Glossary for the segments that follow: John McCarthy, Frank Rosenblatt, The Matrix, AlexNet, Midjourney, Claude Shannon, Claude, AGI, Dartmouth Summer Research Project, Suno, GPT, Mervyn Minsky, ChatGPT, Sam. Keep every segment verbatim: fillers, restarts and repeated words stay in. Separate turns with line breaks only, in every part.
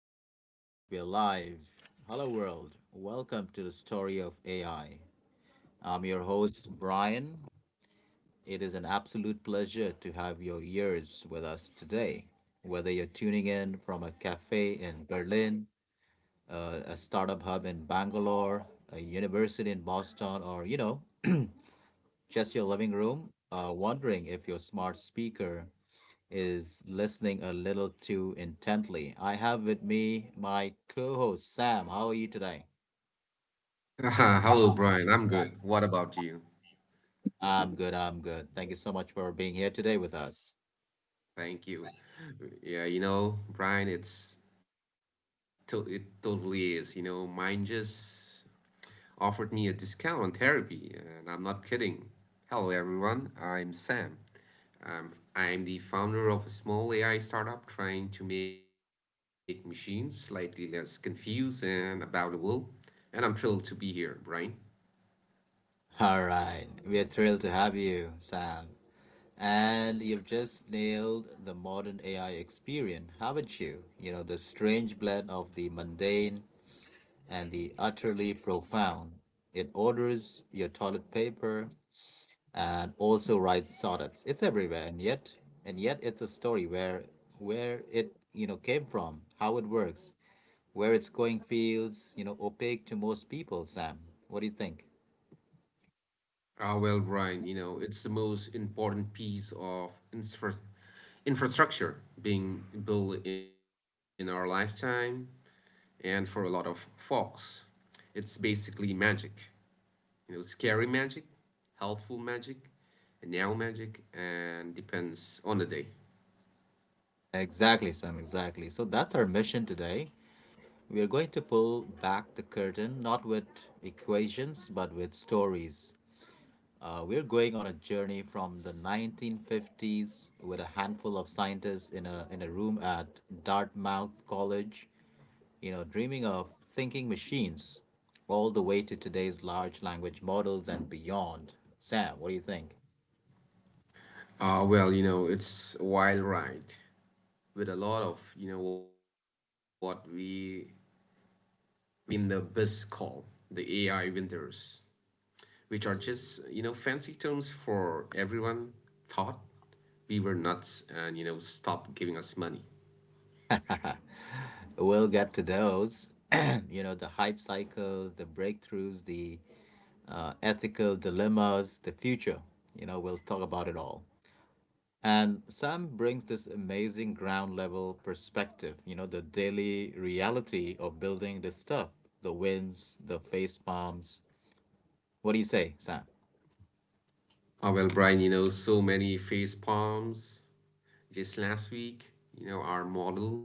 right, we're live. Hello, world. Welcome to the story of A I. I'm your host, Brian. It is an absolute pleasure to have your ears with us today. Whether you're tuning in from a cafe in Berlin, uh, a startup hub in Bangalore, a university in Boston, or, you know, just your living room, uh, wondering if your smart speaker is listening a little too intently. I have with me my co host, Sam. How are you today?
Hello, Brian. I'm good. What about you?
I'm good. I'm good. Thank you so much for being here today with us.
Thank you. Yeah, you know, Brian, it's to it totally is. You know, mine just offered me a discount on therapy, and I'm not kidding. Hello, everyone. I'm Sam. I'm I'm the founder of a small A I startup trying to make machines slightly less confused and about the world, and I'm thrilled to be here, Brian.
All right. We're thrilled to have you, Sam. And you've just nailed the modern A I experience, haven't you? You know, the strange blend of the mundane and the utterly profound. It orders your toilet paper and also writes sonnets. It's everywhere, and yet, and yet, it's a story where where it you know came from, how it works, where it's going feels you know opaque to most people. Sam, what do you think?
Ah, well, Brian, you know, it's the most important piece of infra- infrastructure being built in our lifetime, and for a lot of folks, it's basically magic. You know, scary magic, helpful magic, and now magic, and depends on the day.
Exactly, Sam. Exactly. So that's our mission today. We are going to pull back the curtain, not with equations, but with stories. Uh, we're going on a journey from the nineteen fifties with a handful of scientists in a in a room at Dartmouth College, you know, dreaming of thinking machines all the way to today's large language models and beyond. Sam, what do you think?
Ah, well, you know, it's a wild ride with a lot of, you know, what we in the biz call the A I winters, which are just, you know, fancy terms for everyone thought we were nuts and, you know, stopped giving us money.
We'll get to those. You know, the hype cycles, the breakthroughs, the uh, ethical dilemmas, the future. You know, we'll talk about it all. And Sam brings this amazing ground level perspective, you know, the daily reality of building this stuff, the wins, the face palms. What do you say, Sam?
Oh well, Brian, you know, so many face palms just last week. You know, our model,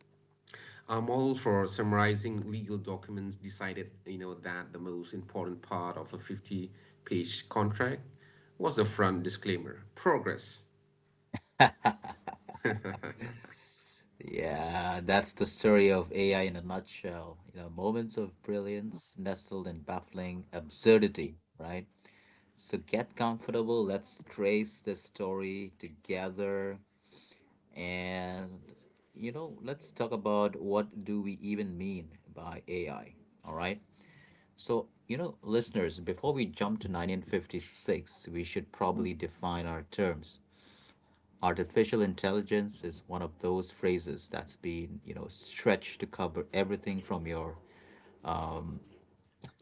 our model for summarizing legal documents decided, you know, that the most important part of a fifty-page contract was the front disclaimer. Progress.
Yeah, that's the story of A I in a nutshell. You know, moments of brilliance nestled in baffling absurdity, right? So get comfortable. Let's trace the story together. And, you know, let's talk about what do we even mean by A I, all right? So, you know, listeners, before we jump to nineteen fifty-six, we should probably define our terms. Artificial intelligence is one of those phrases that's been you know stretched to cover everything from your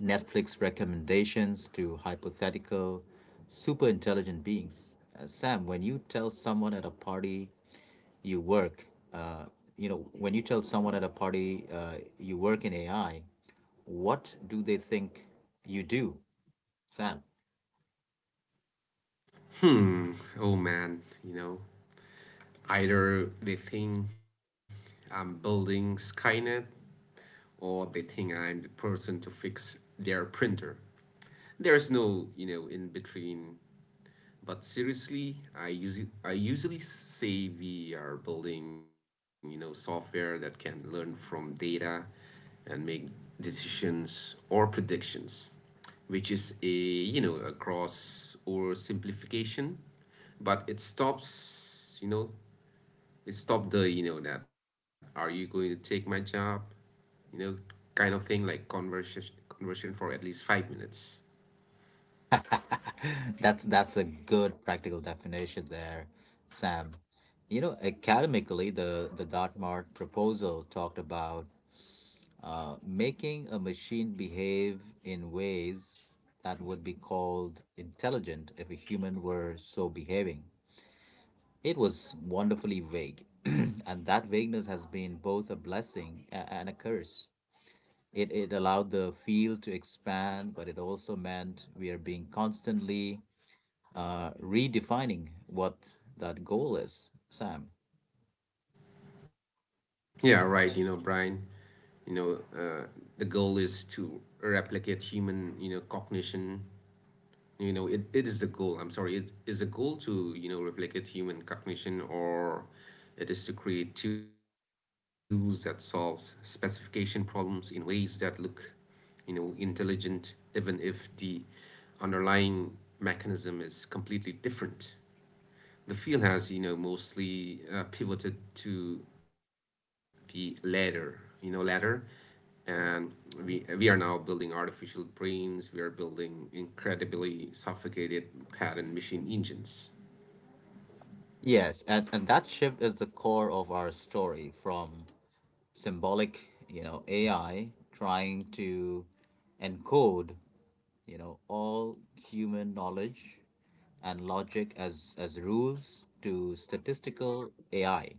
Netflix recommendations to hypothetical super intelligent beings. Uh, sam, when you tell someone at a party you work, uh, you know when you tell someone at a party uh, you work in ai what do they think you do sam
Hmm. Oh man, you know Either they think I'm building Skynet, or they think I'm the person to fix their printer. There's no, you know, in between. But seriously, I usually I usually say we are building, you know, software that can learn from data and make decisions or predictions, which is a, you know, a cross or simplification, but it stops you know stop the, you know, that are you going to take my job, you know, kind of thing, like conversation conversion for at least five minutes.
That's that's a good practical definition there, Sam. You know, academically, the the Dartmouth proposal talked about uh, making a machine behave in ways that would be called intelligent if a human were so behaving. It was wonderfully vague, and that vagueness has been both a blessing a- and a curse. It, it allowed the field to expand, but it also meant we are being constantly uh, redefining what that goal is, Sam.
Yeah, right, you know, Brian, you know uh, the goal is to replicate human, you know, cognition. You know, it, it is the goal. I'm sorry, it is the goal to, you know, replicate human cognition, or it is to create tools that solve specification problems in ways that look, you know, intelligent, even if the underlying mechanism is completely different. The field has, you know, mostly, uh, pivoted to the latter you know latter, and we we are now building artificial brains. We are building incredibly suffocated pattern machine engines.
Yes. And, and that shift is the core of our story from symbolic, you know, A I trying to encode, you know, all human knowledge and logic as, as rules, to statistical A I,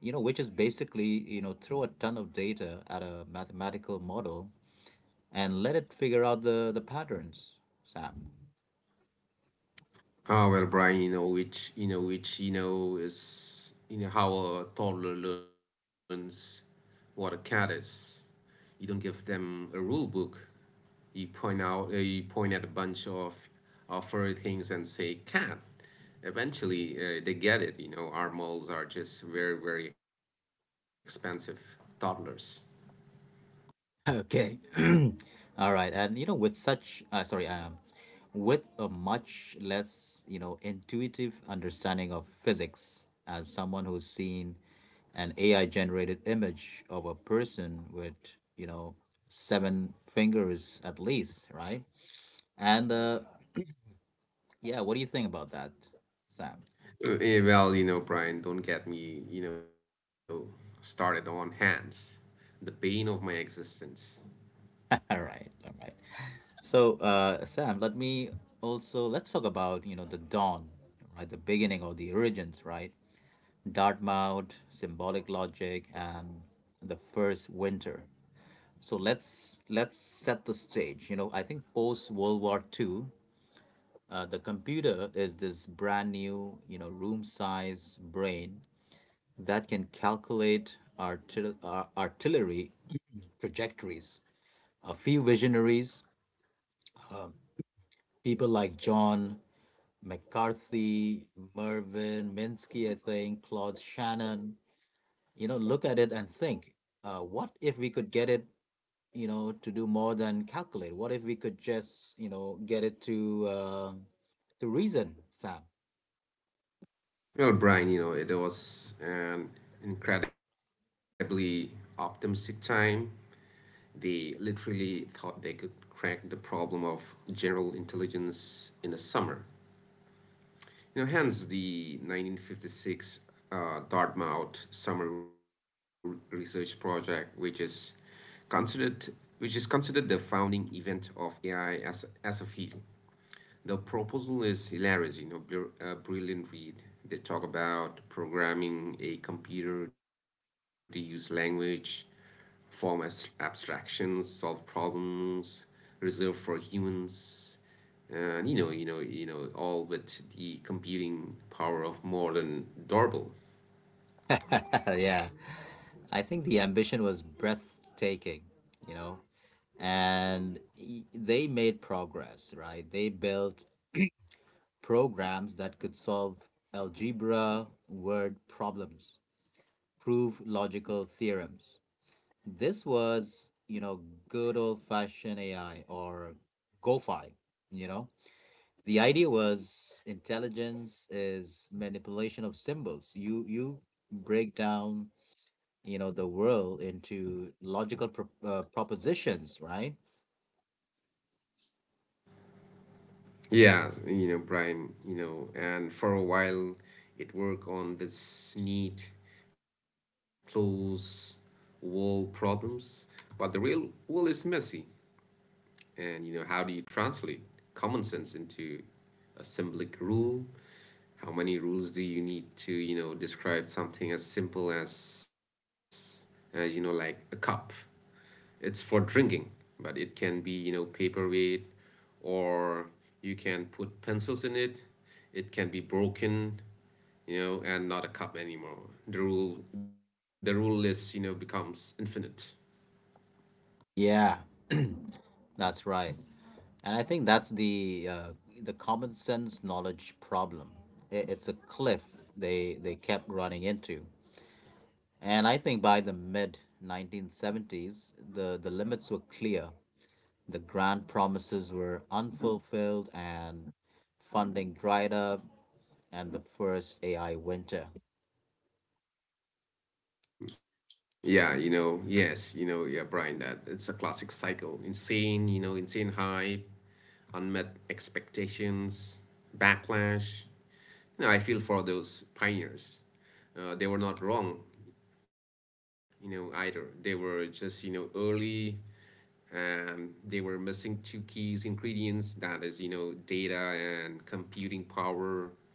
you know, which is basically, you know, throw a ton of data at a mathematical model and let it figure out the, the patterns, Sam.
Ah well, Brian, you know which you know which you know is you know how a toddler learns what a cat is. You don't give them a rule book. You point out uh, you point at a bunch of uh, furry things and say cat. Eventually, uh, they get it. You know, our malls are just very, very expensive toddlers.
Okay. All right. And you know, with such, uh, sorry, um, with a much less, you know, intuitive understanding of physics, as someone who's seen an A I generated image of a person with, you know, seven fingers at least, right? And uh, yeah, what do you think about that, Sam?
Uh, eh, well, you know, Brian, don't get me, you know, started on hands, the bane of my existence.
All right. All right. So, uh, Sam, let me also let's talk about, you know, the dawn, right? The beginning or the origins, right? Dartmouth, symbolic logic, and the first winter. So let's let's set the stage. You know, I think post World War Two, uh, the computer is this brand new, you know, room size brain that can calculate artil- uh, artillery trajectories. A few visionaries, people like John McCarthy, Mervyn Minsky, I think, Claude Shannon, you know, look at it and think, uh, what if we could get it, you know, to do more than calculate? What if we could just, you know, get it to, uh, to reason, Sam?
Well, Brian, you know, it was an incredibly optimistic time. They literally thought they could crack the problem of general intelligence in the summer. You know, hence the nineteen fifty-six uh, Dartmouth Summer Re- Research Project, which is considered which is considered the founding event of A I as, as a field. The proposal is hilarious, you know, a brilliant read. They talk about programming a computer to use language, form abs- abstractions, solve problems reserved for humans. And, you know, you know, you know, all with the computing power of modern doorbell.
Yeah, I think the ambition was breathtaking, you know. And y- they made progress, right? They built programs that could solve algebra word problems, prove logical theorems. This was, you know, good old fashioned A I, or GoFi, you know. The idea was intelligence is manipulation of symbols. You you break down, you know, the world into logical pro uh, propositions, right?
Yeah, you know, Brian, you know, and for a while it worked on this neat, close wall problems. But the real world is messy. And, you know, how do you translate common sense into a symbolic rule? How many rules do you need to, you know, describe something as simple as, as you know, like a cup? It's for drinking, but it can be, you know, paperweight, or you can put pencils in it. It can be broken, you know, and not a cup anymore. The rule the rule list, you know, becomes infinite.
Yeah, that's right. And I think that's the uh, the common sense knowledge problem. I- It's a cliff they they kept running into. And I think by the mid nineteen seventies, the, the limits were clear. The grand promises were unfulfilled and funding dried up, and the first A I winter.
Yeah, you know, yes, you know, yeah, Brian, that it's a classic cycle. Insane, you know, insane hype, unmet expectations, backlash. You know, I feel for those pioneers. Uh, they were not wrong, you know, either. They were just, you know, early. Um, they were missing two keys ingredients, that is, you know, data and computing power.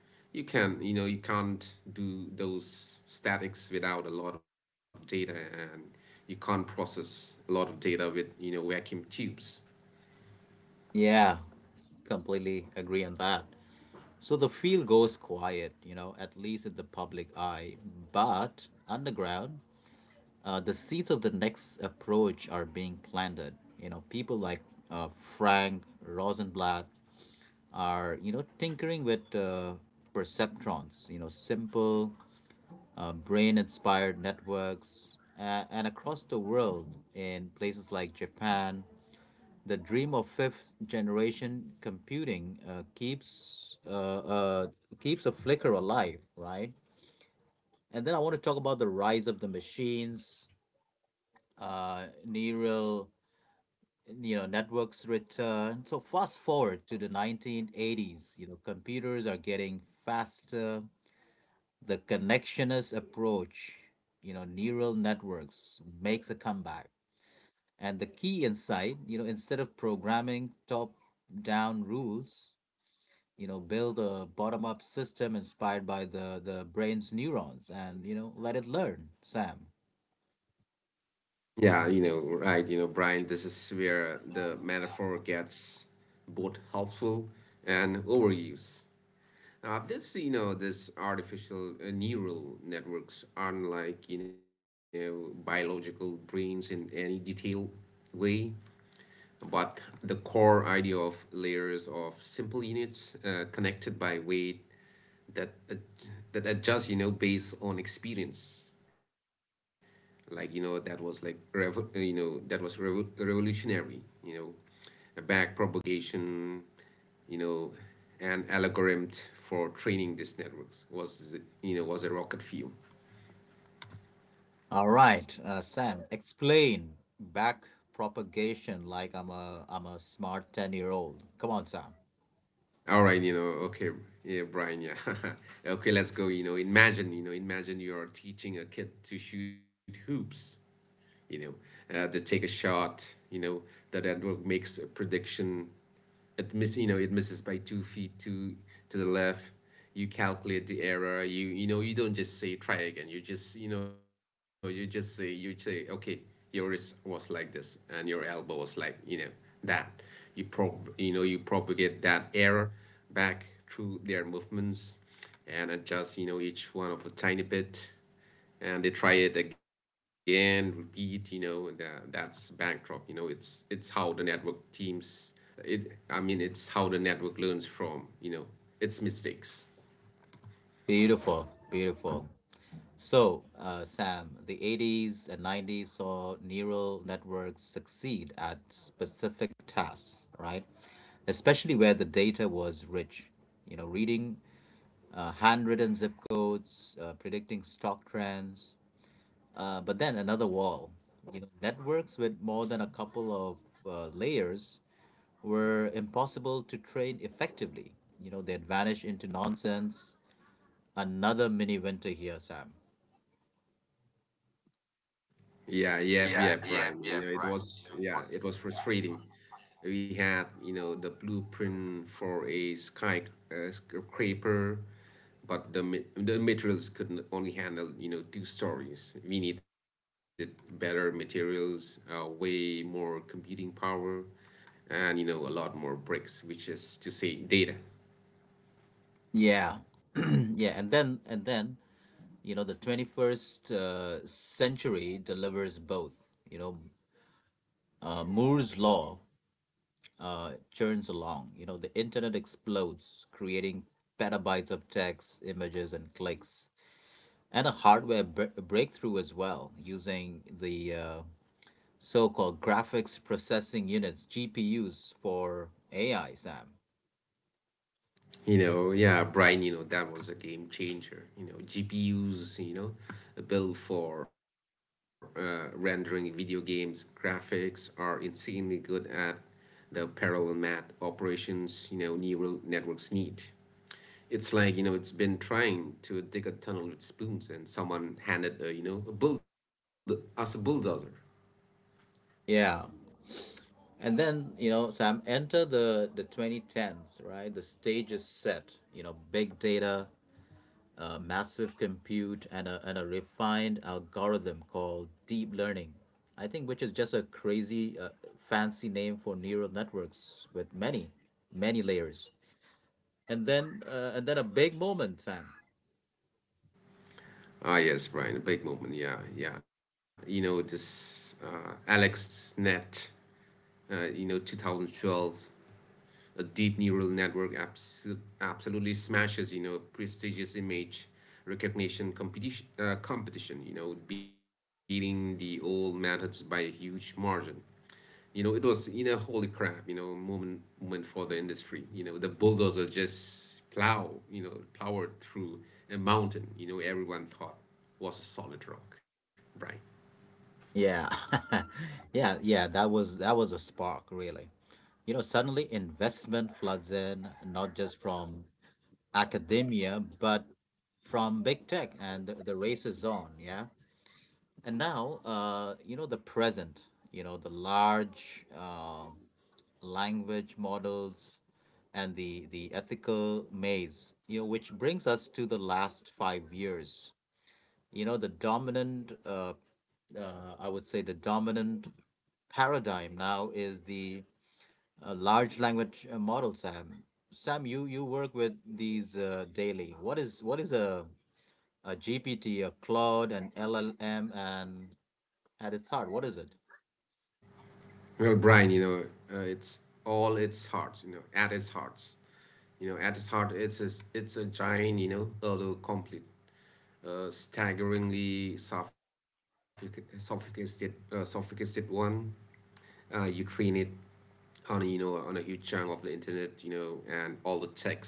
You can, you know, you can't do those statics without a lot of data, and you can't process a lot of data with, you know, vacuum tubes.
Yeah, completely agree on that. So the field goes quiet, you know, at least in the public eye. But underground, uh, the seeds of the next approach are being planted. You know, people like uh, Frank Rosenblatt are, you know, tinkering with, uh, perceptrons, you know, simple, uh, brain inspired networks. Uh, and across the world, in places like Japan, the dream of fifth generation computing, uh, keeps uh, uh, keeps a flicker alive, right? And then I want to talk about the rise of the machines, uh, neural, you know, networks return. So fast forward to the nineteen eighties, you know, computers are getting faster. The connectionist approach, you know, neural networks makes a comeback. And the key insight, you know, instead of programming top down rules, you know, build a bottom up system inspired by the, the brain's neurons and, you know, let it learn, Sam.
Yeah, you know, right, you know, Brian, this is where the metaphor gets both helpful and overuse. Uh, this, you know, this artificial uh, neural networks aren't like, you know, biological brains in any detailed way, but the core idea of layers of simple units uh, connected by weight that ad- that adjust, you know, based on experience. Like, you know, that was like, revo- uh, you know, that was revo- revolutionary, you know. Back propagation, you know, an algorithm for training these networks was, you know, was a rocket fuel.
All right, uh, Sam, explain back propagation like I'm a I'm a smart ten year old. Come on, Sam.
All right, you know, okay, yeah, Brian, yeah, okay, let's go. You know, imagine, you know, imagine you are teaching a kid to shoot hoops. You know, uh, they take a shot. You know, the network makes a prediction. It miss, you know, it misses by two feet to to the left. You calculate the error. You you know, you don't just say try again. You just you know, you just say you say, okay, your wrist was like this, and your elbow was like, you know, that. You prob you know you propagate that error back through their movements and adjust, you know, each one of a tiny bit, and they try it again, repeat, you know, and uh, that's backdrop. You know, it's it's how the network teams. It, I mean, it's how the network learns from, you know, its mistakes.
Beautiful, beautiful. So, uh, Sam, the eighties and nineties saw neural networks succeed at specific tasks, right? Especially where the data was rich. You know, reading uh, handwritten zip codes, uh, predicting stock trends. Uh, but then another wall. You know, networks with more than a couple of uh, layers were impossible to train effectively. You know, they'd vanish into nonsense. Another mini winter here, Sam.
Yeah, yeah, yeah, Prime. You know, it was, yeah, it was frustrating. We had, you know, the blueprint for a sky uh, scraper, but the ma- the materials could only handle, you know, two stories. We needed better materials, uh, way more computing power, and, you know, a lot more bricks, which is to say data.
Yeah. Yeah, and then and then, you know, the twenty-first uh, century delivers both. You know, uh, Moore's law uh, churns along. You know, the internet explodes, creating petabytes of text, images, and clicks, and a hardware br- breakthrough as well, using the, uh, so-called graphics processing units (G P Us) for A I. Sam.
You know, yeah, Brian, you know, that was a game changer. You know, G P U's, you know, built for uh, rendering video games graphics are insanely good at the parallel math operations, you know, neural networks need. It's like, you know, it's been trying to dig a tunnel with spoons and someone handed, a, you know, a build us a bulldozer.
Yeah. And then, you know, Sam, enter the, the twenty tens, right? The stage is set, you know, big data, uh, massive compute, and a, and a refined algorithm called deep learning. I think, which is just a crazy uh, fancy name for neural networks with many, many layers. And then, uh, and then a big moment, Sam.
Ah, yes, Brian, a big moment. Yeah, yeah. You know, this uh, Alex Net, uh, you know, twenty twelve, a deep neural network abs- absolutely smashes, you know, prestigious image recognition competition, uh, competition, you know, beating the old methods by a huge margin. You know, it was, you know, holy crap, you know, moment, moment for the industry. You know, the bulldozer just plow, you know, powered through a mountain, you know, everyone thought was a solid rock, right?
Yeah. Yeah, yeah, that was that was a spark, really. You know, suddenly investment floods in, not just from academia, but from big tech, and the, the race is on. Yeah, and now, uh, you know, the present. You know, the large, uh, language models and the the ethical maze. You know, which brings us to the last five years. You know, the dominant. Uh, uh, I would say the dominant paradigm now is the, uh, large language, uh, model, Sam. Sam, you you work with these, uh, daily. What is what is a a G P T, a Claude, an L L M, and at its heart, what is it?
Well, Brian, you know, uh, it's all its heart, you know, at its hearts. You know, at its heart, it's a, it's a giant, you know, although complete, uh, staggeringly sophic- sophisticated, uh, sophisticated one. Uh, you train it on a, you know, on a huge chunk of the internet, you know, and all the texts,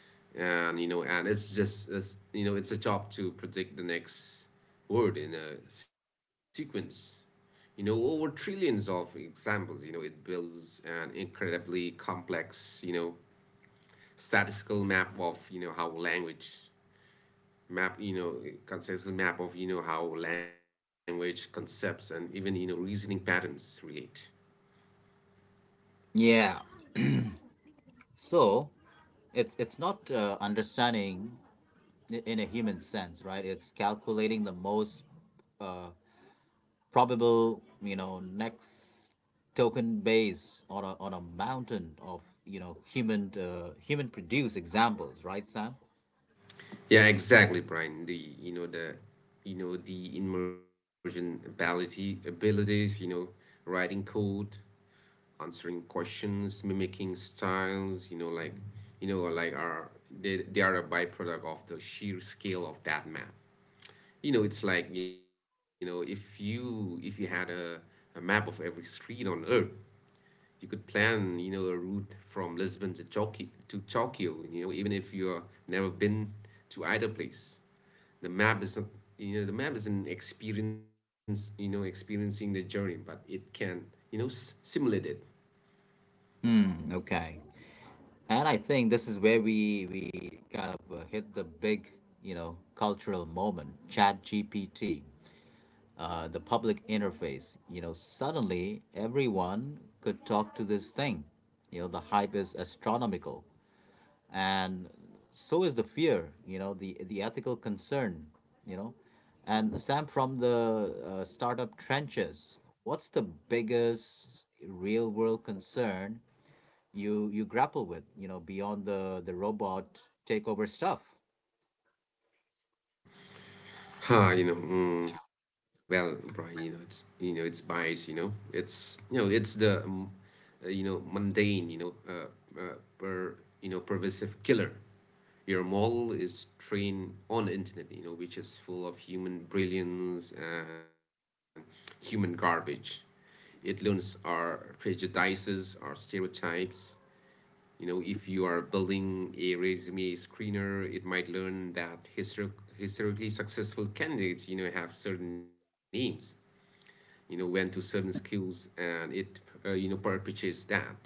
and, you know, and it's just it's, you know, it's a job to predict the next word in a sequence. You know, over trillions of examples, you know, it builds an incredibly complex, you know, statistical map of you know how language map you know conceptual map of, you know, how language, concepts, and even, you know, reasoning patterns relate.
Yeah. So it's it's not, uh, understanding i- in a human sense, right? It's calculating the most, uh, probable, you know, next token base on a, on a mountain of, you know, human, uh, human produced examples, right, Sam?
Yeah, exactly, Brian, the you know the you know the immersion ability abilities, you know, writing code, answering questions, mimicking styles, you know, like, you know, like are, they, they are a byproduct of the sheer scale of that map. You know, it's like, you know, if you if you had a, a map of every street on Earth, you could plan, you know, a route from Lisbon to Tokyo to Tokyo, you know, even if you're never been to either place. The map is not, you know, the map is an experience, you know, experiencing the journey, but it can, you know, s- simulate it.
Mm, okay. And I think this is where we we kind of, uh, hit the big, you know, cultural moment. Chat G P T, uh, the public interface. You know, suddenly everyone could talk to this thing. You know, the hype is astronomical, and so is the fear. You know, the the ethical concern. You know, and Sam, from the, uh, startup trenches. What's the biggest real world concern you you grapple with, you know, beyond the the robot takeover stuff?
Ha, you know, mm, well, Brian, you know, it's you know, it's bias, you know, it's you know, it's the um, uh, you know, mundane, you know, uh, uh, per you know pervasive killer. Your model is trained on the internet, you know, which is full of human brilliance and human garbage. It learns our prejudices, our stereotypes. You know if you are building a resume screener, it might learn that histor- historically successful candidates you know have certain names, you know went to certain schools, and it uh, you know perpetuates that.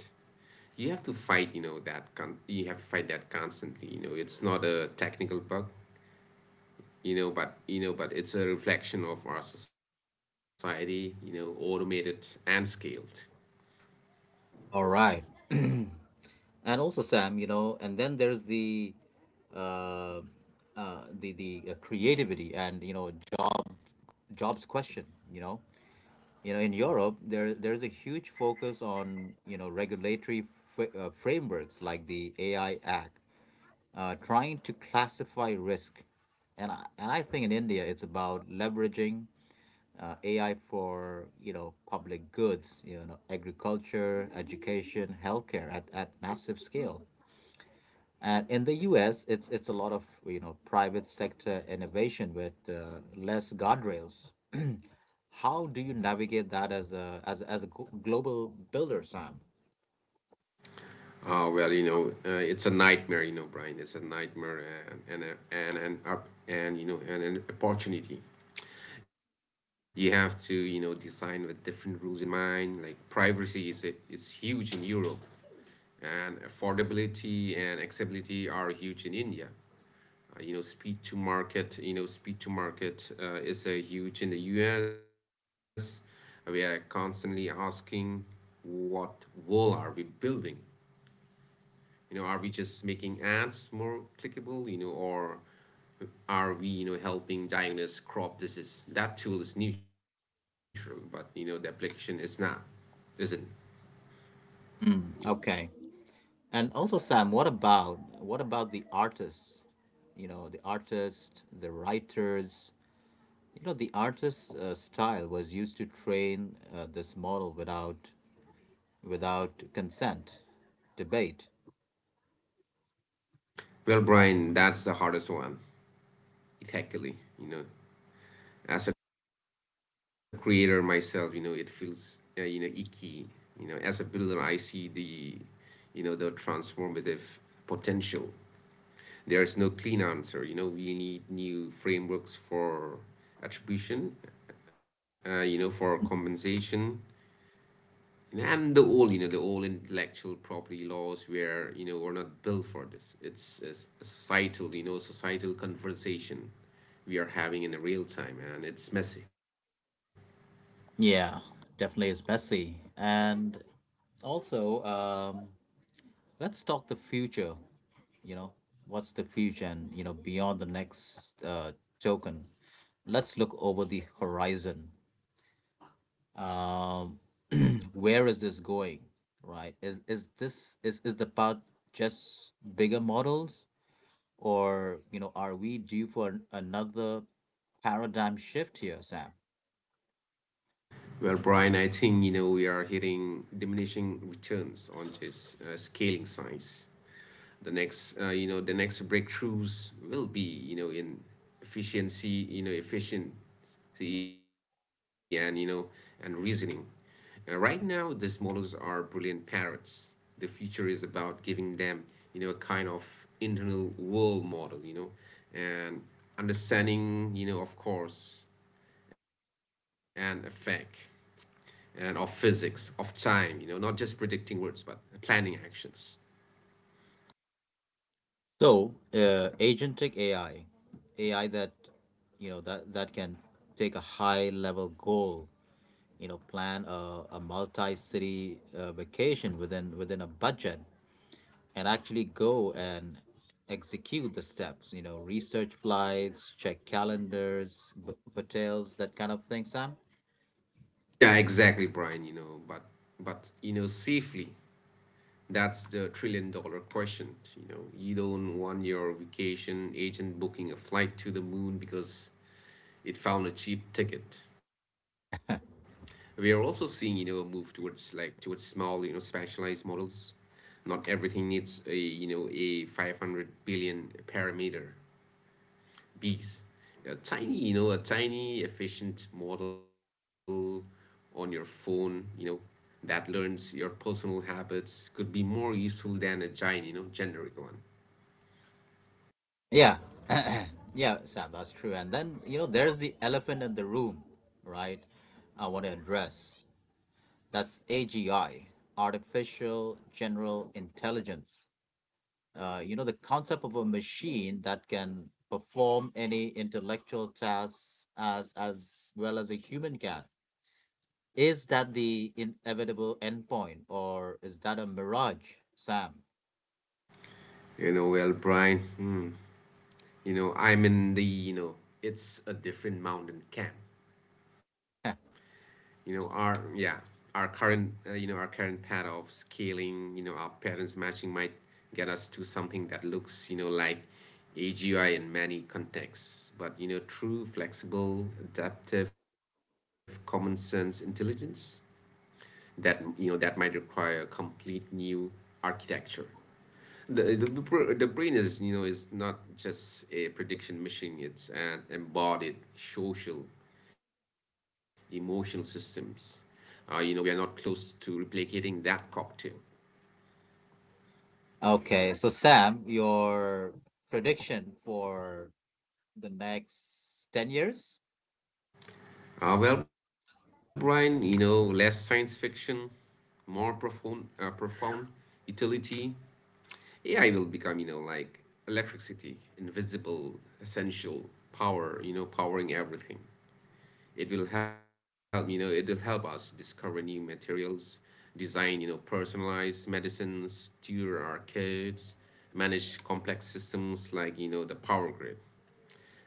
You have to fight, you know that con- you have to fight that constantly. You know it's not a technical bug, you know but you know but it's a reflection of our society, you know automated and scaled.
All right. And also, Sam, you know, and then there's the, uh, uh, the the uh, creativity and, you know, jo- jobs question, you know. You know, in Europe, there there's a huge focus on, you know, regulatory fr- uh, frameworks like the A I Act, uh, trying to classify risk. And I, and I think in India it's about leveraging, uh, A I for, you know, public goods, you know, agriculture, education, healthcare at, at massive scale. And in the U S, it's it's a lot of, you know, private sector innovation with, uh, less guardrails. How do you navigate that as a as a- as a glo- global builder, Sam?
Oh well, you know, uh, it's a nightmare, you know, Brian. It's a nightmare and and and and up and you know and an opportunity. You have to you know design with different rules in mind. Like privacy is a, is huge in Europe, and affordability and accessibility are huge in India. Uh, you know, speed to market. You know, speed to market uh, is a huge in the U S. We are constantly asking, what wall are we building? You know, are we just making ads more clickable? You know, or are we you know helping diagnose crop disease? That tool is neutral, but you know the application is not, is it?
Mm, okay. And also, Sam, what about what about the artists? You know, the artists, the writers, you know, the artist's uh, style was used to train uh, this model without without consent, debate.
Well, Brian, that's the hardest one ethically. You know, as a creator myself, you know it feels uh, you know icky. You know, as a builder, I see the you know the transformative potential. There's no clean answer. You know, we need new frameworks for attribution, uh, you know, for
Mhm.
compensation, and the all, you know, the all intellectual property laws where, you know, we're not built for this. It's a societal, you know, societal conversation we are having in the real time, and it's messy.
Yeah, definitely is messy. And also, um, let's talk the future. You know, what's the future, and you know, beyond the next uh, token, let's look over the horizon. Um, where is this going? Right? Is is this is is the part just bigger models? Or, you know, are we due for an- another paradigm shift here, Sam?
Well, Brian, I think you know we are hitting diminishing returns on this uh, scaling science. The next, uh, you know, the next breakthroughs will be, you know, in efficiency, you know, efficiency, and you know, and reasoning. Uh, right now, these models are brilliant parrots. The future is about giving them, you know, a kind of internal world model, you know, and understanding, you know, of course, and effect and of physics, of time, you know, not just predicting words, but planning actions.
So, uh, agentic A I, A I that, you know, that, that can take a high level goal, you know, plan a, a multi-city uh, vacation within within a budget and actually go and execute the steps, you know, research flights, check calendars, book hotels, that kind of thing, Sam?
Yeah, exactly, Brian, you know, but but you know, safely. That's the trillion dollar question, you know. You don't want your vacation agent booking a flight to the moon because it found a cheap ticket. We are also seeing, you know, a move towards like towards small, you know, specialized models. Not everything needs a, you know, a five hundred billion parameter bees. A tiny, you know, a tiny efficient model on your phone, you know, that learns your personal habits could be more useful than a giant, you know, generic one.
Yeah. Yeah, Sam, that's true. And then, you know, there's the elephant in the room, right? I want to address. That's A G I, artificial general intelligence. Uh, you know, the concept of a machine that can perform any intellectual tasks as as well as a human can. Is that the inevitable endpoint or is that a mirage, Sam?
You know, well, Brian, hmm, you know, I'm in the, you know, it's a different mountain camp. You know our, yeah, our current uh, you know our current path of scaling, you know our patterns matching might get us to something that looks you know like A G I in many contexts, but you know true flexible adaptive common sense intelligence, that you know that might require a complete new architecture. The, the the br- the brain is you know is not just a prediction machine. It's an embodied social, emotional systems. Uh, you know we are not close to replicating that cocktail.
Okay, so Sam, your prediction for the next ten years?
Uh, well, Brian, you know less science fiction, more profound, uh, profound utility. A I will become you know like electricity, invisible, essential power. You know powering everything. It will help you know it will help us discover new materials, design you know personalized medicines, tutor our kids, manage complex systems like you know the power grid.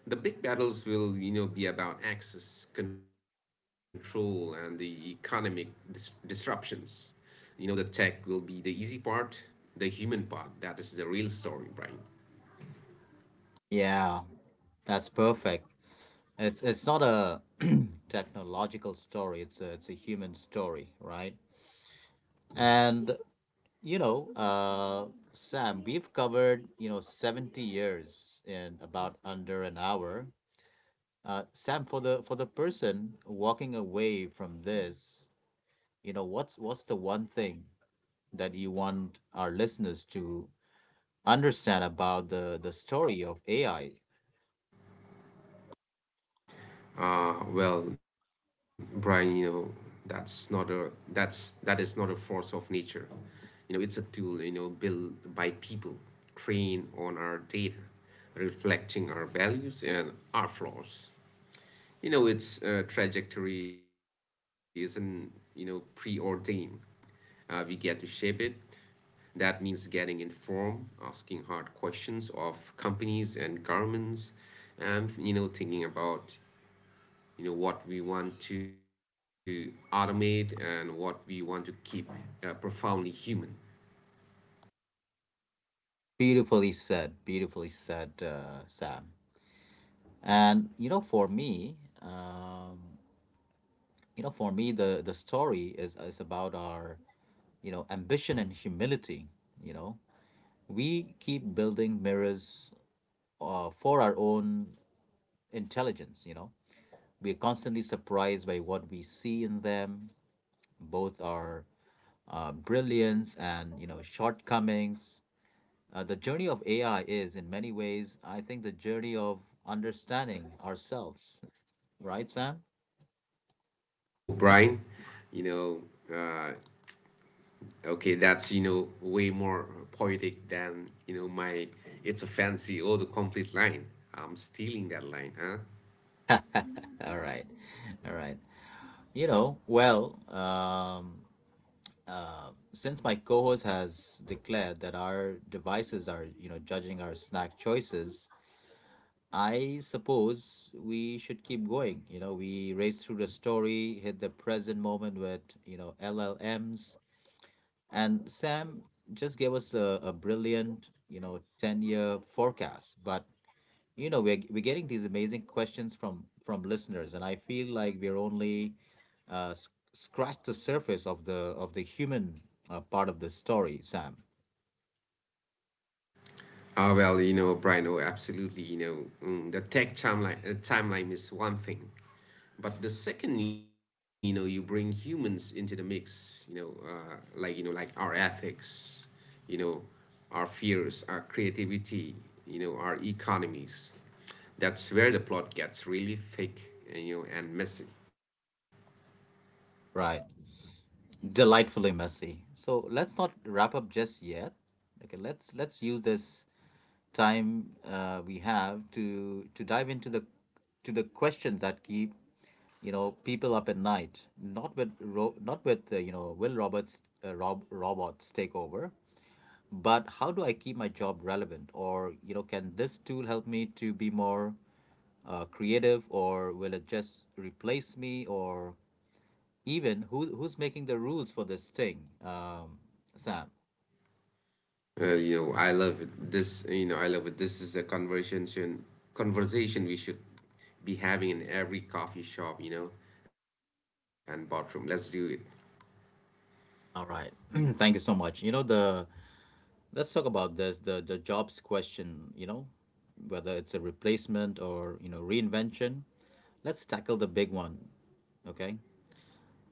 The big battles will you know be about access control and the economic dis- disruptions. You know the tech will be the easy part. The human part, that is the real story, Brian.
Yeah, that's perfect. It's it's not a technological story, it's a, it's a human story, right? And you know, uh Sam, we've covered, you know, seventy years in about under an hour. Uh Sam, for the for the person walking away from this, you know, what's what's the one thing that you want our listeners to understand about the the story of A I.
Uh, well, Brian, you know, that's not a that's that is not a force of nature. You know, it's a tool, you know, built by people, trained on our data, reflecting our values and our flaws. You know, its uh, trajectory isn't, you know, preordained. Uh, we get to shape it. That means getting informed, asking hard questions of companies and governments, and, you know, thinking about you know what we want to automate and what we want to keep uh, profoundly human.
Beautifully said, beautifully said, uh, Sam. And you know, for me, um, you know, for me, the the story is is about our you know ambition and humility. You know, we keep building mirrors uh, for our own intelligence. You know, we are constantly surprised by what we see in them, both our uh, brilliance and you know shortcomings. Uh, the journey of A I is, in many ways, I think, the journey of understanding ourselves. Right, Sam?
Whoa, Brian, you know uh, okay, that's you know way more poetic than you know my, it's a fancy, oh, the complete line. I'm stealing that line, huh?
All right. All right. You know, well, um, uh, since my co host has declared that our devices are, you know, judging our snack choices, I suppose we should keep going. You know, we raced through the story, hit the present moment with, you know, L L Ms, and Sam just gave us a, a brilliant, you know, ten-year forecast. But, you know, we're, we're getting these amazing questions from from listeners, and I feel like we're only uh, s- scratched the surface of the of the human uh, part of the story, Sam.
Ah, well, you know, Brian, oh, absolutely. You know, mm, the tech timeline, uh, timeline is one thing, but the second, you know, you bring humans into the mix. You know, uh, like you know, like our ethics, you know, our fears, our creativity, you know, our economies. That's where the plot gets really thick, and, you know, and messy.
Right. Delightfully messy. So let's not wrap up just yet. Okay, let's let's use this time uh, we have to to dive into the to the questions that keep you know people up at night. Not with ro- not with uh, you know will robots uh, rob- robots take over, but how do I keep my job relevant? Or you know can this tool help me to be more uh, creative, or will it just replace me? Or even who who's making the rules for this thing, um, Sam?
Uh, you know, I love it. This, you know, I love it. This is a conversation conversation we should be having in every coffee shop, you know, and bathroom. Let's do it.
All right, thank you so much. You know the let's talk about this the the jobs question. You know whether it's a replacement or you know reinvention. Let's tackle the big one. Okay,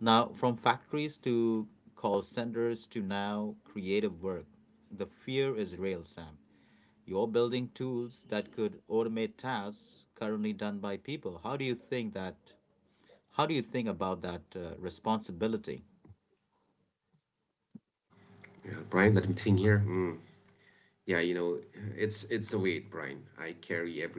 now from factories to call centers to now creative work, the fear is real, Sam. You're building tools that could automate tasks currently done by people. How do you think that? How do you think about that uh, responsibility?
Yeah, Brian, let me think here. Mm. Yeah, you know, it's it's a weight, Brian. I carry every day.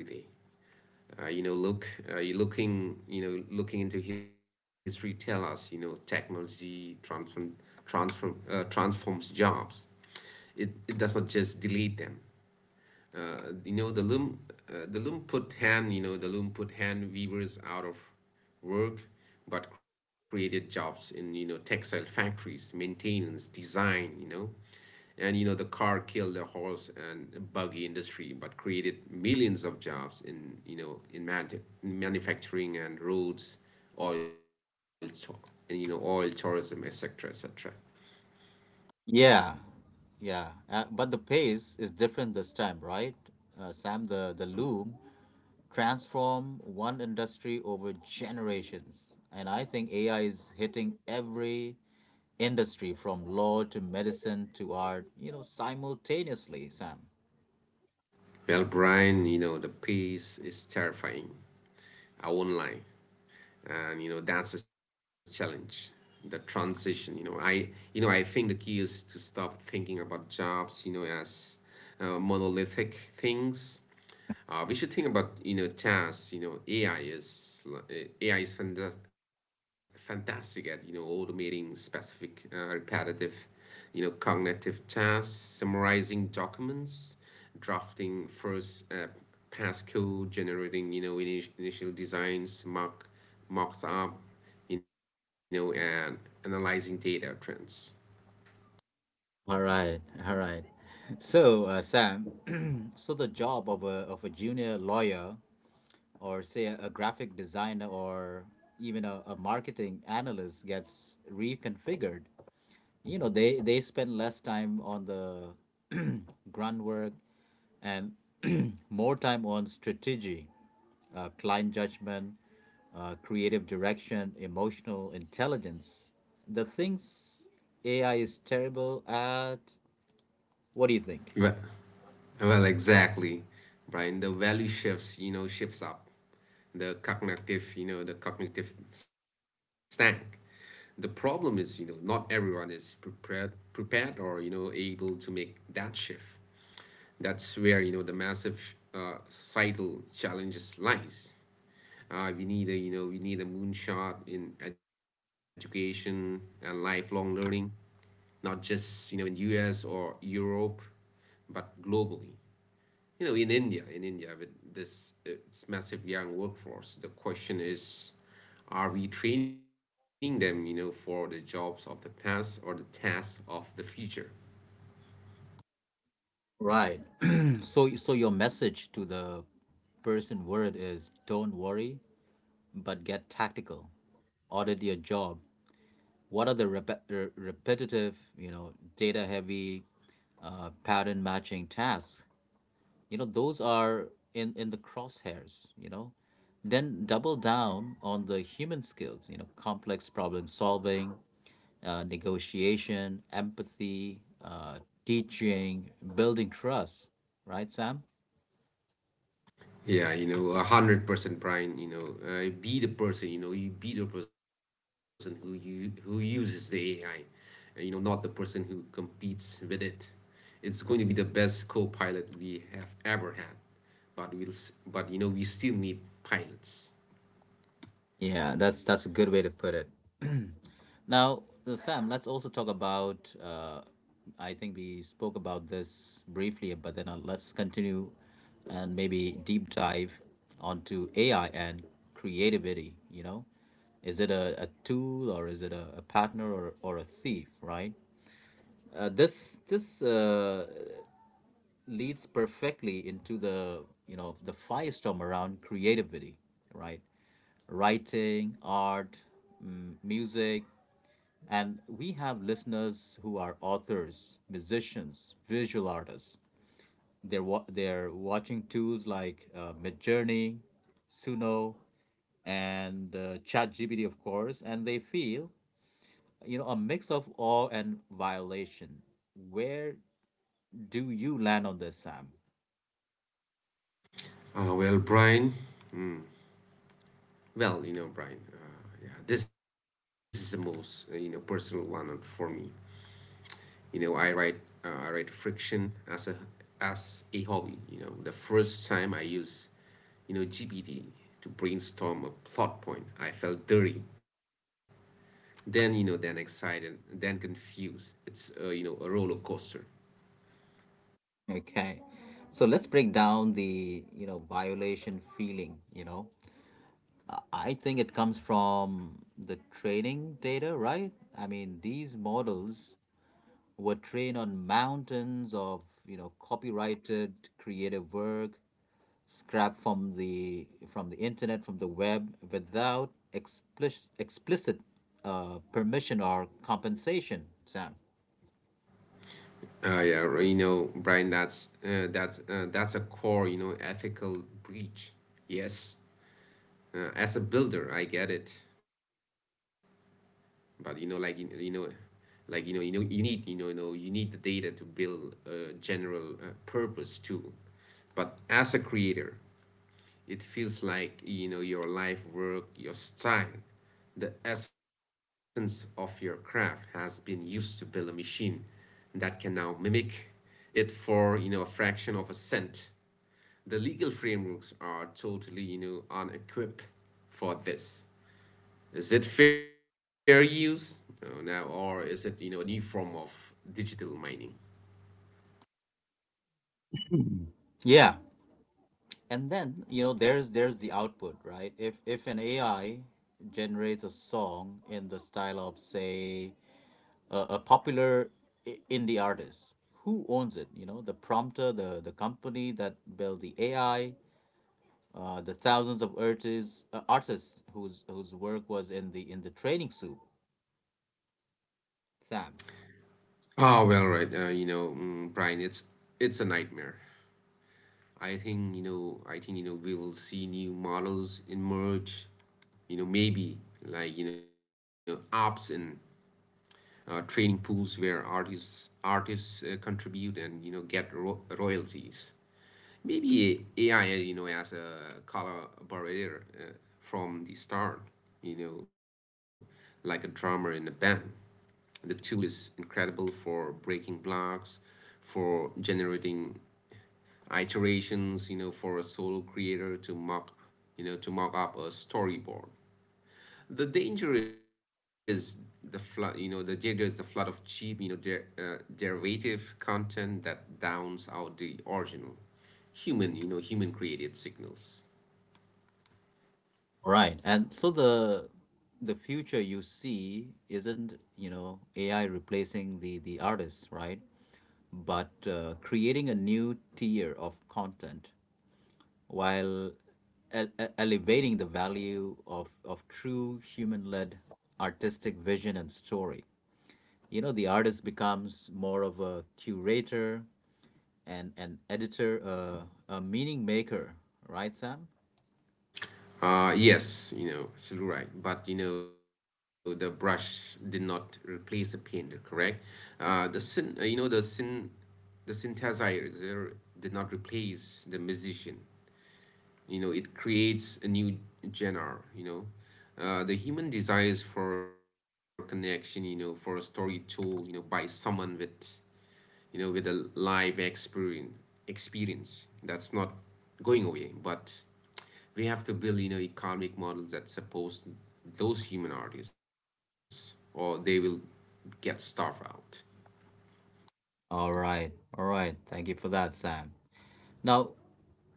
Uh, you know, look, uh, you looking, you know, looking into history tell us, you know, technology transform transform uh, transforms jobs. It it does not just delete them. Uh, you know the loom uh, the loom put hand you know the loom put hand weavers out of work, but created jobs in you know textile factories, maintenance, design, you know and you know the car killed the horse and buggy industry, but created millions of jobs in you know in man- manufacturing and roads, oil to- and you know oil, tourism, etc., etc.
Yeah, yeah. Uh, but the pace is different this time, right? Uh, Sam, the, the loom transform one industry over generations. And I think A I is hitting every industry from law to medicine to art, you know, simultaneously, Sam.
Well, Brian, you know the pace is terrifying. I won't lie, and you know that's a challenge. The transition, you know i you know I think the key is to stop thinking about jobs you know as uh, monolithic things. Uh, we should think about you know tasks. you know ai is l- eh, AI is fanta- fantastic at you know automating specific uh, repetitive you know cognitive tasks: summarizing documents, drafting first uh, pass code, generating you know init- initial designs, mock mocks up, you know, and analyzing data trends.
All right, all right. So, uh, Sam, so the job of a, of a junior lawyer or say a, a graphic designer or even a, a marketing analyst gets reconfigured you know they they spend less time on the grunt work and more time on strategy uh, client judgment uh, creative direction emotional intelligence the things ai is terrible at what do you think.
Right. Well, exactly, Brian. The value shifts, you know, shifts up. The cognitive, you know, the cognitive stank. The problem is, you know, not everyone is prepared, prepared or, you know, able to make that shift. That's where, you know, the massive uh, societal challenges lies. Uh, we need a, you know, we need a moonshot in education and lifelong learning, not just, you know, in U S or Europe, but globally, you know in india in india with this it's massive young workforce. The question is, are we training them you know for the jobs of the past or the tasks of the future?
Right. So so your message to the person word is don't worry but get tactical. Audit your job. What are the rep- re- repetitive, you know, data heavy uh, pattern matching tasks? You know, those are in, in the crosshairs, you know. Then double down on the human skills, you know, complex problem solving, uh, negotiation, empathy, uh, teaching, building trust, right, Sam?
Yeah you know a hundred percent, Brian. You know uh, be the person, you know you be the person who you who uses the AI, uh, you know not the person who competes with it. It's going to be the best co-pilot we have ever had, but we'll s- but you know we still need pilots.
Yeah, that's that's a good way to put it. Now, uh, Sam, let's also talk about. Uh, I think we spoke about this briefly, but then uh, let's continue and maybe deep dive onto A I and creativity. You know, is it a, a tool or is it a, a partner or, or a thief? Right. Uh, this this uh, leads perfectly into the you know the firestorm around creativity. Right. Writing, art, mm, music, and we have listeners who are authors, musicians, visual artists. They're, wa- they're watching tools like uh, Midjourney, Suno, and uh, ChatGPT, of course, and they feel, you know, a mix of awe and violation. Where do you land on this, Sam?
uh, well brian Well, you know, Brian, uh, yeah, this is the most uh, you know personal one on- for me. You know, I write uh, I write friction as a as a hobby. You know, the first time I use you know G P T to brainstorm a plot point, I felt dirty. Then you know, then excited, then confused. It's uh, you know a roller coaster.
Okay. So let's break down the, you know, violation feeling, you know. I think it comes from the training data, right? I mean, these models were trained on mountains of you know copyrighted creative work scrapped from the from the internet from the web without explicit explicit uh, permission or compensation sam.
Uh, yeah, r- you know, Brian, that's uh, that's uh, that's a core you know ethical breach. Yes, uh, as a builder, I get it. But you know like you, you know like you know you know you need you know you know you need the data to build a general uh, purpose too. But as a creator, it feels like you know your life work, your style, the essence of your craft has been used to build a machine that can now mimic it for you know a fraction of a cent. The legal frameworks are totally you know unequipped for this. Is it fair use uh, now, or is it you know a new form of digital mining?
Yeah and then you know there's there's the output right if if an ai generates a song in the style of say a, a popular i- indie artist who owns it you know the prompter the the company that built the ai uh, the thousands of artists uh, artists whose whose work was in the in the training soup, Sam.
Oh well, right. Uh, you know, mm, Brian, it's it's a nightmare. I think you know. I think you know we will see new models emerge. You know, maybe like you know apps and uh, training pools where artists artists uh, contribute and you know get ro- royalties. Maybe A I, you know, as a collaborator uh, from the start, you know, like a drummer in a band. The tool is incredible for breaking blocks, for generating iterations, you know, for a solo creator to mock, you know, to mock up a storyboard. The danger is the flood, you know, the danger is the flood of cheap, you know, der- uh, derivative content that downs out the original human, you know, human created signals.
Right, and so the the future you see isn't you know A I replacing the the artists, right? But uh, creating a new tier of content while el- e- elevating the value of of true human led artistic vision and story. You know, the artist becomes more of a curator and an editor, uh, a meaning maker, right, Sam?
Uh, yes, you know, absolutely right. But you know, the brush did not replace the painter, correct? Uh, the syn, uh, you know, the syn, the synthesizer did not replace the musician. You know it creates a new genre. You know uh, the human desires for connection, you know for a story told you know by someone with you know with a live experience experience that's not going away. But we have to build, you know economic models that support those human artists, or they will get starved out.
All right, all right. Thank you for that, Sam. Now,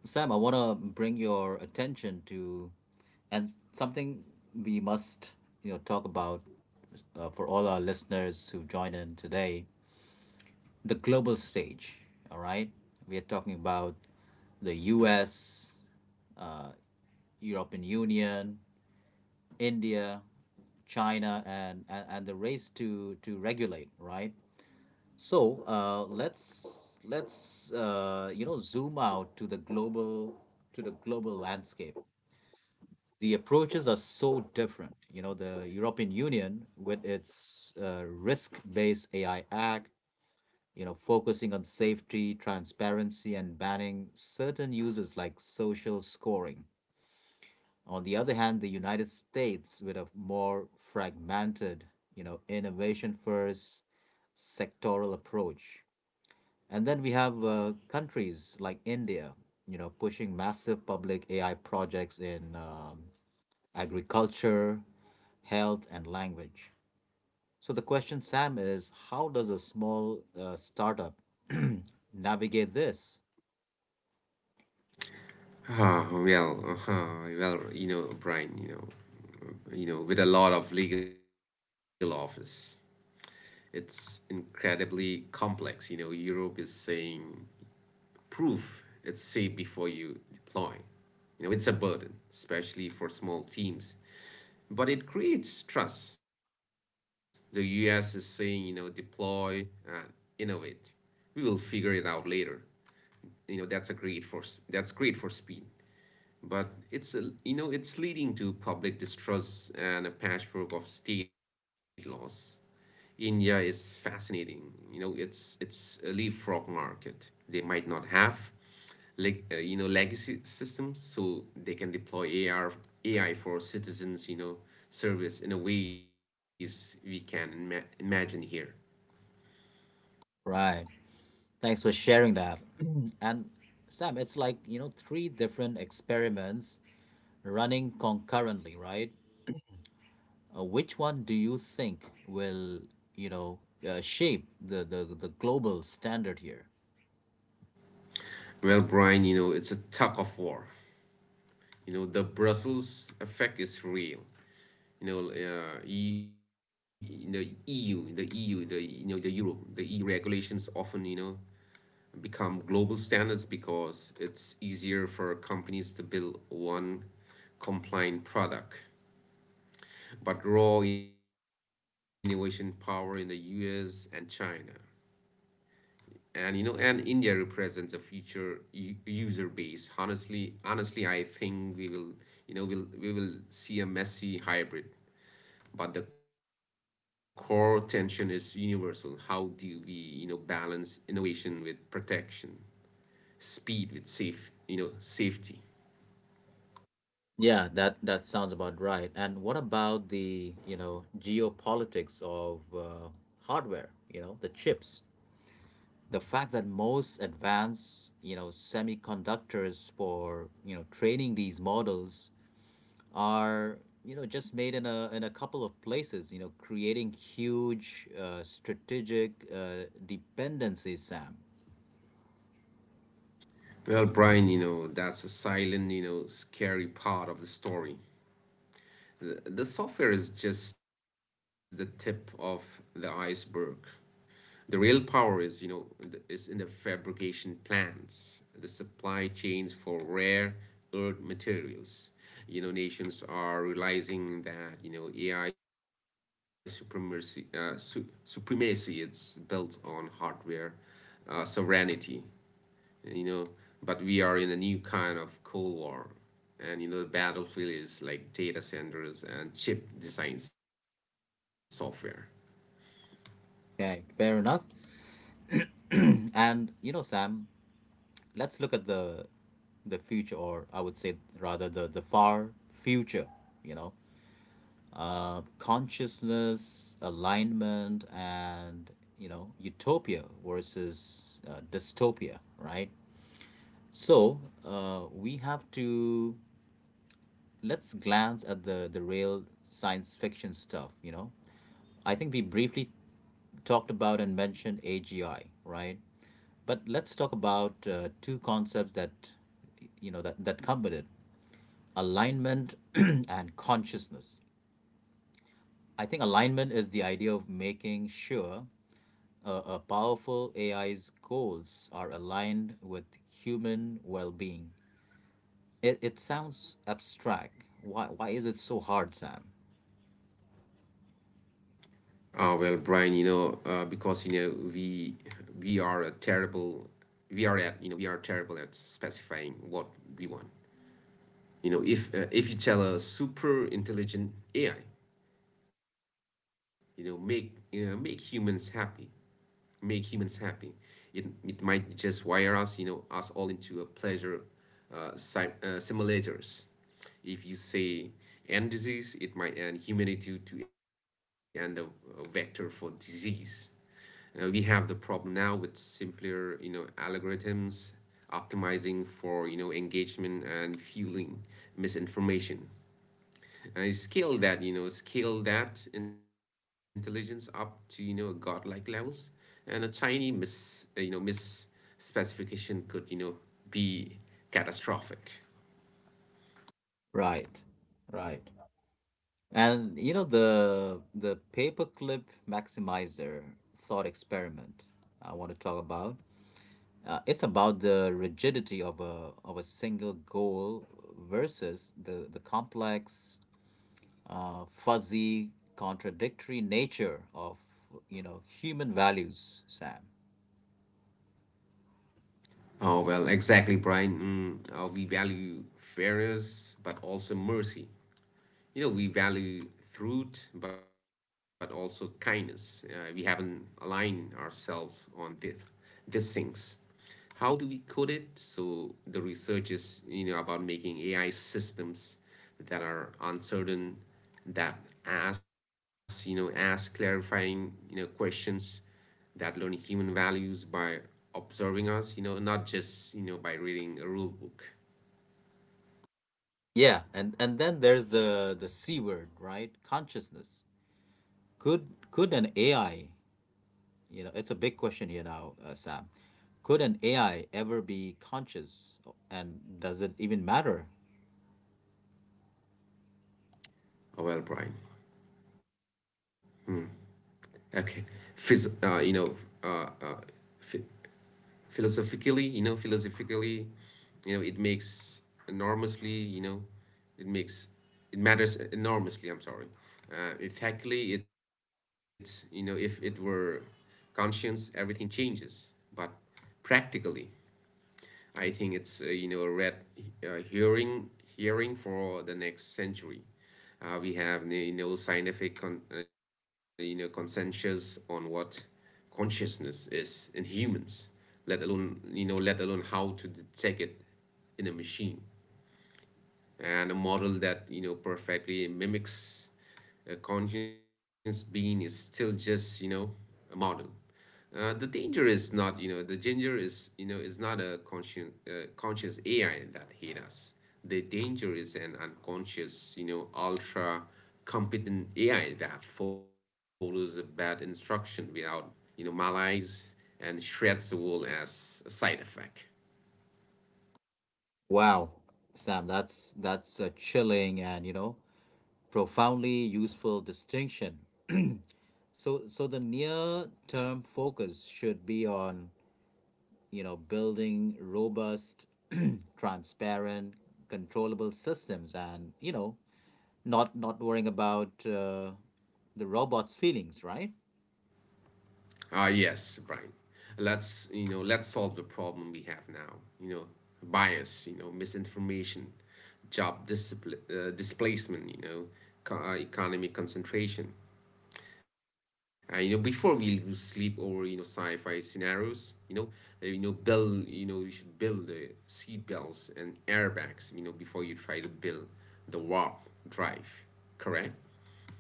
Sam, I want to bring your attention to, and something we must, you know, talk about uh, for all our listeners who've joined in today, the global stage. All right, we are talking about the U S, uh, European Union, India, China, and, and and the race to to regulate. Right, so uh, let's let's uh, you know zoom out to the global to the global landscape. The approaches are so different. You know, the European Union with its uh, risk-based A I Act, you know, focusing on safety, transparency, and banning certain uses like social scoring. On the other hand, the United States with a more fragmented, you know, innovation-first sectoral approach. And then we have uh, countries like India, you know, pushing massive public A I projects in um, agriculture, health, and language. So the question, Sam, is how does a small uh, startup navigate this?
Ah, well, uh, well, you know, Brian, you know, you know, with a lot of legal office, it's incredibly complex. You know, Europe is saying proof it's safe before you deploy. You know, it's a burden, especially for small teams, but it creates trust. The U S is saying, you know, deploy and innovate. We will figure it out later. You know, that's a great for that's great for speed. But it's a, you know, it's leading to public distrust and a patchwork of state laws. India is fascinating. You know, it's it's a leapfrog market. They might not have like uh, you know, legacy systems, so they can deploy A R, A I for citizens. You know, service in a ways we can ima- imagine here.
Right. Thanks for sharing that. And Sam, it's like, you know, three different experiments running concurrently, right? uh, which one do you think will you know uh, shape the, the the global standard here?
Well, Brian, you know, it's a tug of war. You know, the Brussels effect is real. You know, uh, e, you E U, the E U, the you know, the Euro, the E U regulations often, you know, become global standards because it's easier for companies to build one compliant product. But raw innovation power in the U S and China. And you know, and India represents a future u- user base. Honestly, honestly, I think we will, you know, we'll we will see a messy hybrid. But the core tension is universal. How do we, you know, balance innovation with protection, speed with safe, you know, safety?
Yeah, that that sounds about right. And what about the you know geopolitics of uh, hardware? You know the chips, the fact that most advanced you know semiconductors for you know training these models are you know just made in a in a couple of places. You know creating huge uh, strategic uh, dependencies, Sam.
Well, Brian, you know, that's a silent, you know, scary part of the story. th- the software is just the tip of the iceberg. The real power is, you know, th- is in the fabrication plants, the supply chains for rare earth materials. You know, nations are realizing that you know A I supremacy, uh, su- supremacy, it's built on hardware uh, sovereignty. you know but we are in a new kind of cold war, and you know, the battlefield is like data centers and chip design software.
Okay, fair enough. And you know, Sam, let's look at the the future, or I would say rather the the far future. You know, uh, consciousness, alignment, and you know, utopia versus uh, dystopia, right? So uh, we have to let's glance at the the real science fiction stuff. You know, I think we briefly talked about and mentioned A G I, right? But let's talk about uh, two concepts that you know that that come with it: alignment and consciousness. I think alignment is the idea of making sure a, a powerful A I's goals are aligned with human well-being. It it sounds abstract. Why why is it so hard, Sam?
Oh well brian, you know uh, because you know we we are a terrible we are at you know we are terrible at specifying what we want. You know if uh, if you tell a super intelligent A I, you know make you know, make humans happy make humans happy, It, it might just wire us, you know, us all into a pleasure uh, si- uh, simulators. If you say end disease, it might end humanity to end a, a vector for disease. Uh, we have the problem now with simpler, you know, algorithms optimizing for, you know, engagement and fueling misinformation. I Scale that, you know, scale that intelligence up to, you know, godlike levels, and a tiny mis uh, you know, miss specification could, you know, be catastrophic.
Right, right. And you know the the paperclip maximizer thought experiment I want to talk about. Uh, it's about the rigidity of a of a single goal versus the the complex, uh, fuzzy, contradictory nature of you know human values, Sam.
Oh well, exactly, Brian. Mm, uh, we value fairness, but also mercy. You know we value truth but also kindness. Uh, we haven't aligned ourselves on this these things. How do we code it? So the research is, you know, about making AI systems that are uncertain, that ask, you know ask clarifying, you know questions, that learn human values by observing us, you know not just you know by reading a rule book.
Yeah, and and then there's the the C word, right? Consciousness. Could could an A I. You know, it's a big question here now, uh, Sam. Could an A I ever be conscious, and does it even matter?
Oh well brian. Hmm. Okay. Phys uh, you know, uh, uh, phi- philosophically, you know, Philosophically, you know, it makes enormously, you know, it makes it matters enormously. I'm sorry. Uh, effectively, it's, you know, if it were conscience, everything changes. But practically, I think it's, uh, you know, a red, uh, hearing hearing for the next century. Uh, we have, you know, scientific con- uh, you know consensus on what consciousness is in humans, let alone, you know let alone how to detect it in a machine. And a model that, you know, perfectly mimics a conscious being is still just, you know, a model. Uh, the danger is not, you know, the danger is, you know, is not a conscious, uh, conscious A I that hate us. The danger is an unconscious, you know, ultra competent A I that follows a bad instruction without, you know, malice, and shreds the world as a side effect.
Wow, Sam, that's that's a chilling and, you know, profoundly useful distinction. So so the near term focus should be on, you know, building robust, transparent, controllable systems, and, you know, not not worrying about uh, the robot's feelings, right?
Ah, yes, Brian. Let's, you know, let's solve the problem we have now. You know, bias, you know, misinformation, job discipline, uh, displacement, you know, co- uh, economic concentration. Uh, you know, before we lose sleep over, you know, sci-fi scenarios, you know, uh, you know, build, you know, you should build the seat belts and airbags, you know, before you try to build the warp drive. Correct?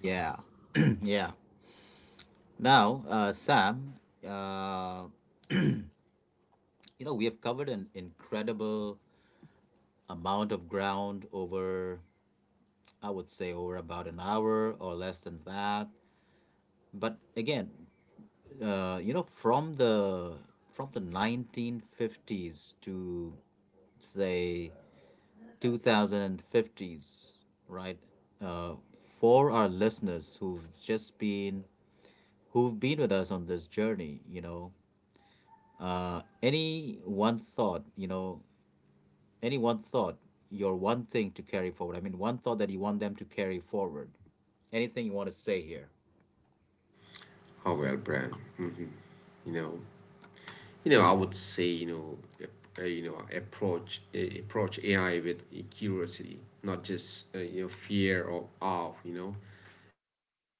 Yeah, yeah. Now, uh, Sam, uh, you know, we have covered an incredible amount of ground over, I would say, over about an hour or less than that. But again, uh, you know, from the from the nineteen fifties to say twenty fifties, right? Uh, for our listeners who've just been who've been with us on this journey, you know, any one thought, you know, any one thought, your one thing to carry forward. I mean, one thought that you want them to carry forward. Anything you want to say here.
How Well, Brian. hmm You know. You know, I would say, you know, ap- uh, you know, approach uh, approach A I with curiosity, not just, uh, you know, fear or awe. You know,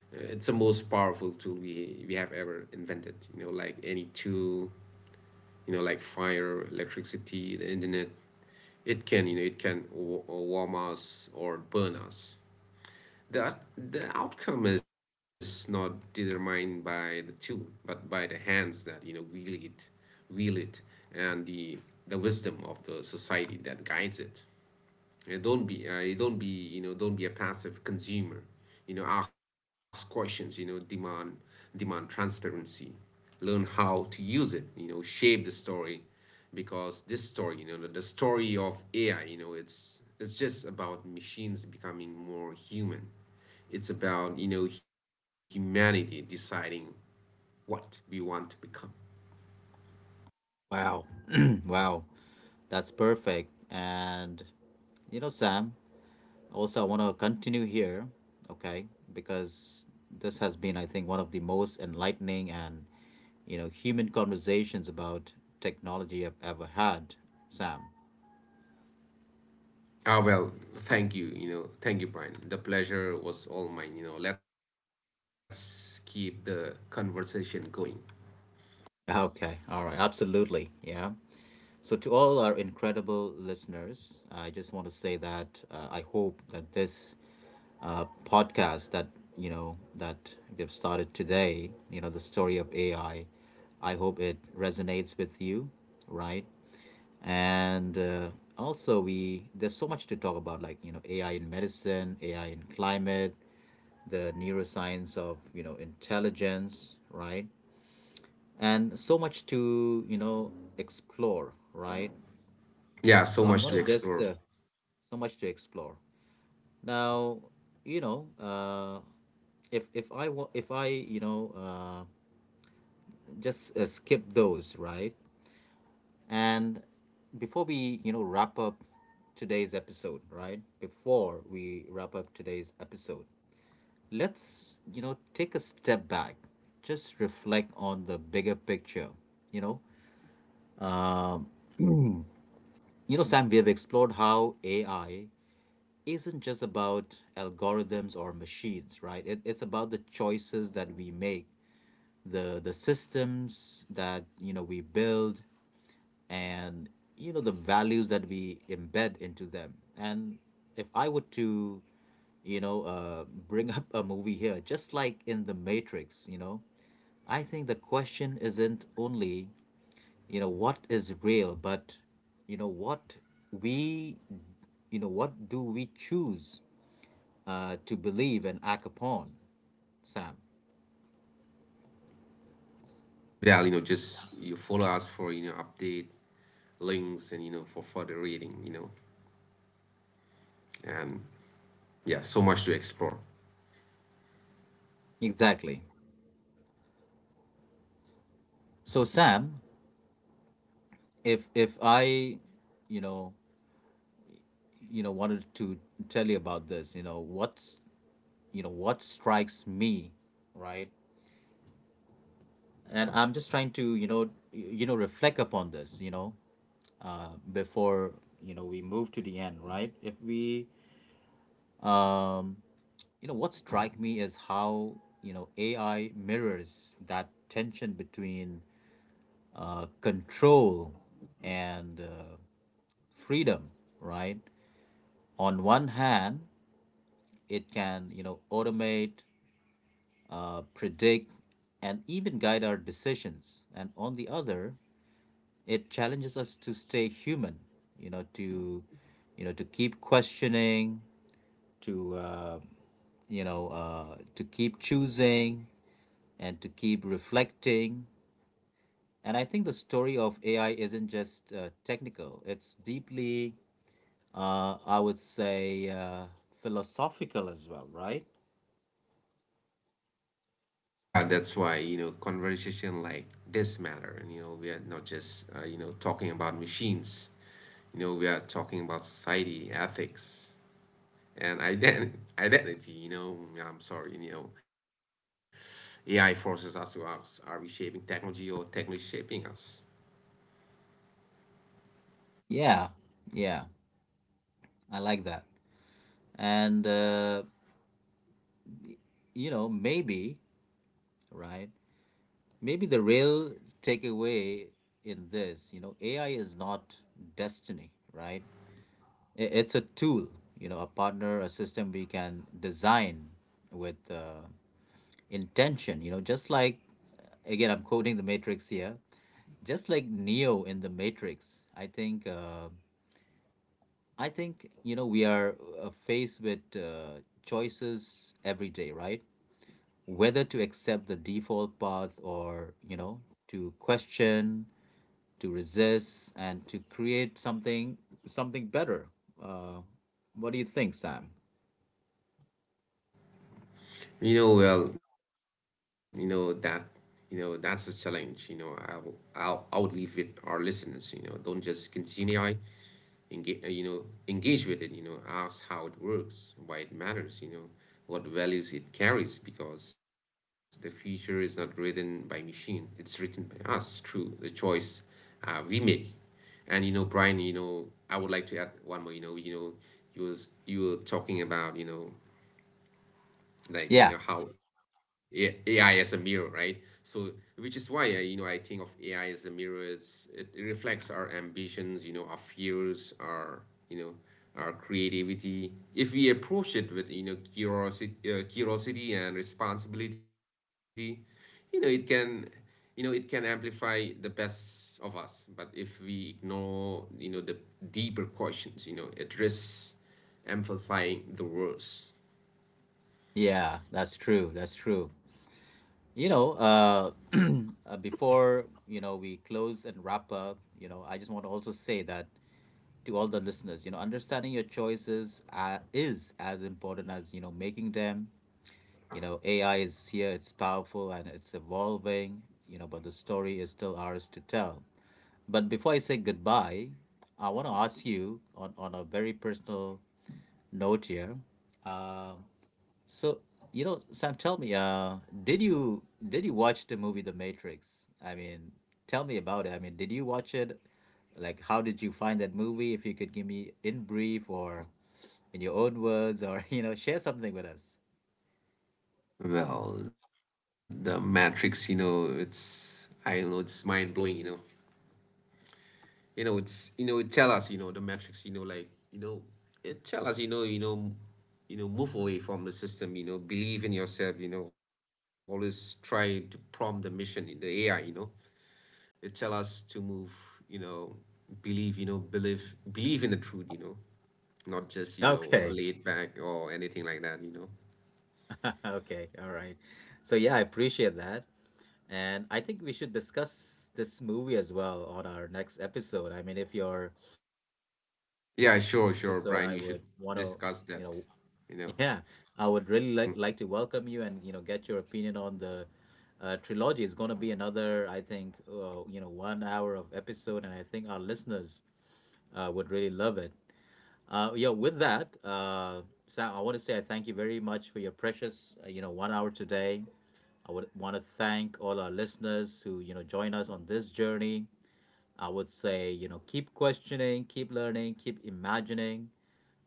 uh, it's the most powerful tool we we have ever invented. You know, like any tool, you know, like fire, electricity, the internet. It can, you know, it can wa- warm us or burn us. That the outcome is not determined by the tool, but by the hands that, you know, wield it, wield it, and the the wisdom of the society that guides it. And don't be, uh, you don't be, you know, don't be a passive consumer. You know, ask questions. You know, demand, demand transparency, learn how to use it, you know, shape the story, because this story, you know the, the story of A I, you know, it's it's just about machines becoming more human. It's about, you know, humanity deciding what we want to become.
Wow. Wow. That's perfect. And, you know, Sam, also I want to continue here, okay? Because this has been, I think, one of the most enlightening and, you know, human conversations about technology I've ever had, Sam.
ah well Thank you, you know thank you, Brian. The pleasure was all mine. You know, let's keep the conversation going.
Okay, all right, absolutely. Yeah. So, to all our incredible listeners, I just want to say that uh, I hope that this uh, podcast that, you know, that we have started today, you know, the story of A I, I I hope it resonates with you, right? And uh, also, we there's so much to talk about, like, you know, A I in medicine, A I in climate, the neuroscience of, you know, intelligence, right? And so much to, you know, explore, right?
Yeah, so
So I'm
much
gonna
to
Yeah. just
explore.
uh, so much to explore now. You know, uh if if i wa- if i you know, uh just uh, skip those, right? And before we, you know, wrap up today's episode right before we wrap up today's episode, let's, you know, take a step back, just reflect on the bigger picture, you know. You know sam, we have explored how AI isn't just about algorithms or machines, right? It, it's about the choices that we make, the the systems that, you know, we build, and, you know, the values that we embed into them. And if I were to, you know, uh, bring up a movie here, just like in The Matrix, you know, I think the question isn't only, you know, what is real, but, you know, what we you know, what do we choose uh, to believe and act upon, Sam.
Yeah, you know just you follow us for, you know, update links and, you know, for further reading, you know. And yeah, so much to explore.
Exactly. So, Sam, if if I, you know, you know, wanted to tell you about this, you know, what's you know, what strikes me, right? And I'm just trying to, you know, y- you know, reflect upon this, you know, uh, before, you know, we move to the end, right? If we, um, you know, what strike me is how, you know, A I mirrors that tension between uh, control and, uh, freedom, right? On one hand, it can, you know, automate, uh, predict, and even guide our decisions. And on the other, it challenges us to stay human, you know, to, you know, to keep questioning, to, uh, you know, uh, to keep choosing and to keep reflecting. And I think the story of A I isn't just uh, technical, it's deeply, uh, I would say, uh, philosophical as well, right?
Yeah, that's why, you know, conversation like this matter. And you know, we are not just, uh, you know, talking about machines. You know, we are talking about society, ethics, and ident- identity, you know. Yeah, I'm sorry, you know, AI forces us to ask, are we shaping technology or technology shaping us?
Yeah, yeah, I like that. And, uh, you know, maybe, right? Maybe the real takeaway in this, you know, A I is not destiny, right? I- It's a tool, you know, a partner, a system we can design with, uh, intention, you know, just like, again, I'm quoting the Matrix here, just like Neo in the Matrix, I think uh, I think, you know, we are, uh, faced with, uh, choices every day, right? Whether to accept the default path or, you know, to question, to resist, and to create something something better. Uh, what do you think, Sam?
You know well you know that, you know that's a challenge. you know i will I'll, i would leave with our listeners, you know, don't just consume A I. engage, uh, you know, Engage with it, you know, ask how it works, why it matters, you know, what values it carries, because the future is not written by machine, it's written by us through the choice uh, we make. And you know, Brian, you know, I would like to add one more, you know, you know, you was you were talking about, you know,
Yeah,
like, you know, how A- AI as a mirror, right? So, which is why I, you know I think of A I as a mirror. It's, it, it reflects our ambitions, you know, our fears, our you know our creativity. If we approach it with, you know, curiosity, uh, curiosity and responsibility, you know, it can, you know it can amplify the best of us. But if we ignore, you know, the deeper questions, you know, it risks amplifying the worst.
yeah, that's true. That's true. You know, uh, uh, before, you know, we close and wrap up, you know, I just want to also say that to all the listeners. You know, understanding your choices uh, is as important as, you know, making them. You know, A I is here; it's powerful and it's evolving. You know, but the story is still ours to tell. But before I say goodbye, I want to ask you on on a very personal note here. So, you know, Sam, tell me, uh, did you did you watch the movie The Matrix? I mean, tell me about it. I mean, did you watch it? Like, how did you find that movie? If you could give me in brief or in your own words, or you know, share something with us.
Well, the Matrix, you know, it's, I don't know, it's mind blowing, you know. You know, it's you know, it tell us, you know, the Matrix, you know, like, you know, it tell us, you know, you know, you know, move away from the system, you know, believe in yourself, you know, always try to prompt the mission in the A I, you know. It tell us to move, you know, believe, you know, believe, believe in the truth, you know, not just, you know,
Okay.
laid back or anything like that, you know.
Okay. All right. So yeah, I appreciate that. And I think we should discuss this movie as well on our next episode. I mean, if you're available for
Yeah,
my
sure,
next
sure,
episode,
Brian,
I
you should
would want to,
discuss
you
that,
know.
you know.
Yeah, I would really like
Hmm.
like to welcome you and, you know, get your opinion on the uh, trilogy. It's going to be another, I think, uh, you know, one hour of episode, and I think our listeners uh, would really love it. Uh, yeah, with that, uh, Sam, I want to say I thank you very much for your precious, uh, you know, one hour today. I would want to thank all our listeners who, you know, join us on this journey. I would say, you know, keep questioning, keep learning, keep imagining.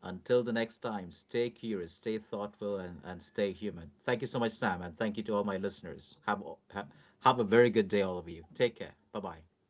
Until the next time, stay curious, stay thoughtful, and, and stay human. Thank you so much, Sam, and thank you to all my listeners. Have, have, have a very good day, all of you. Take care. Bye bye.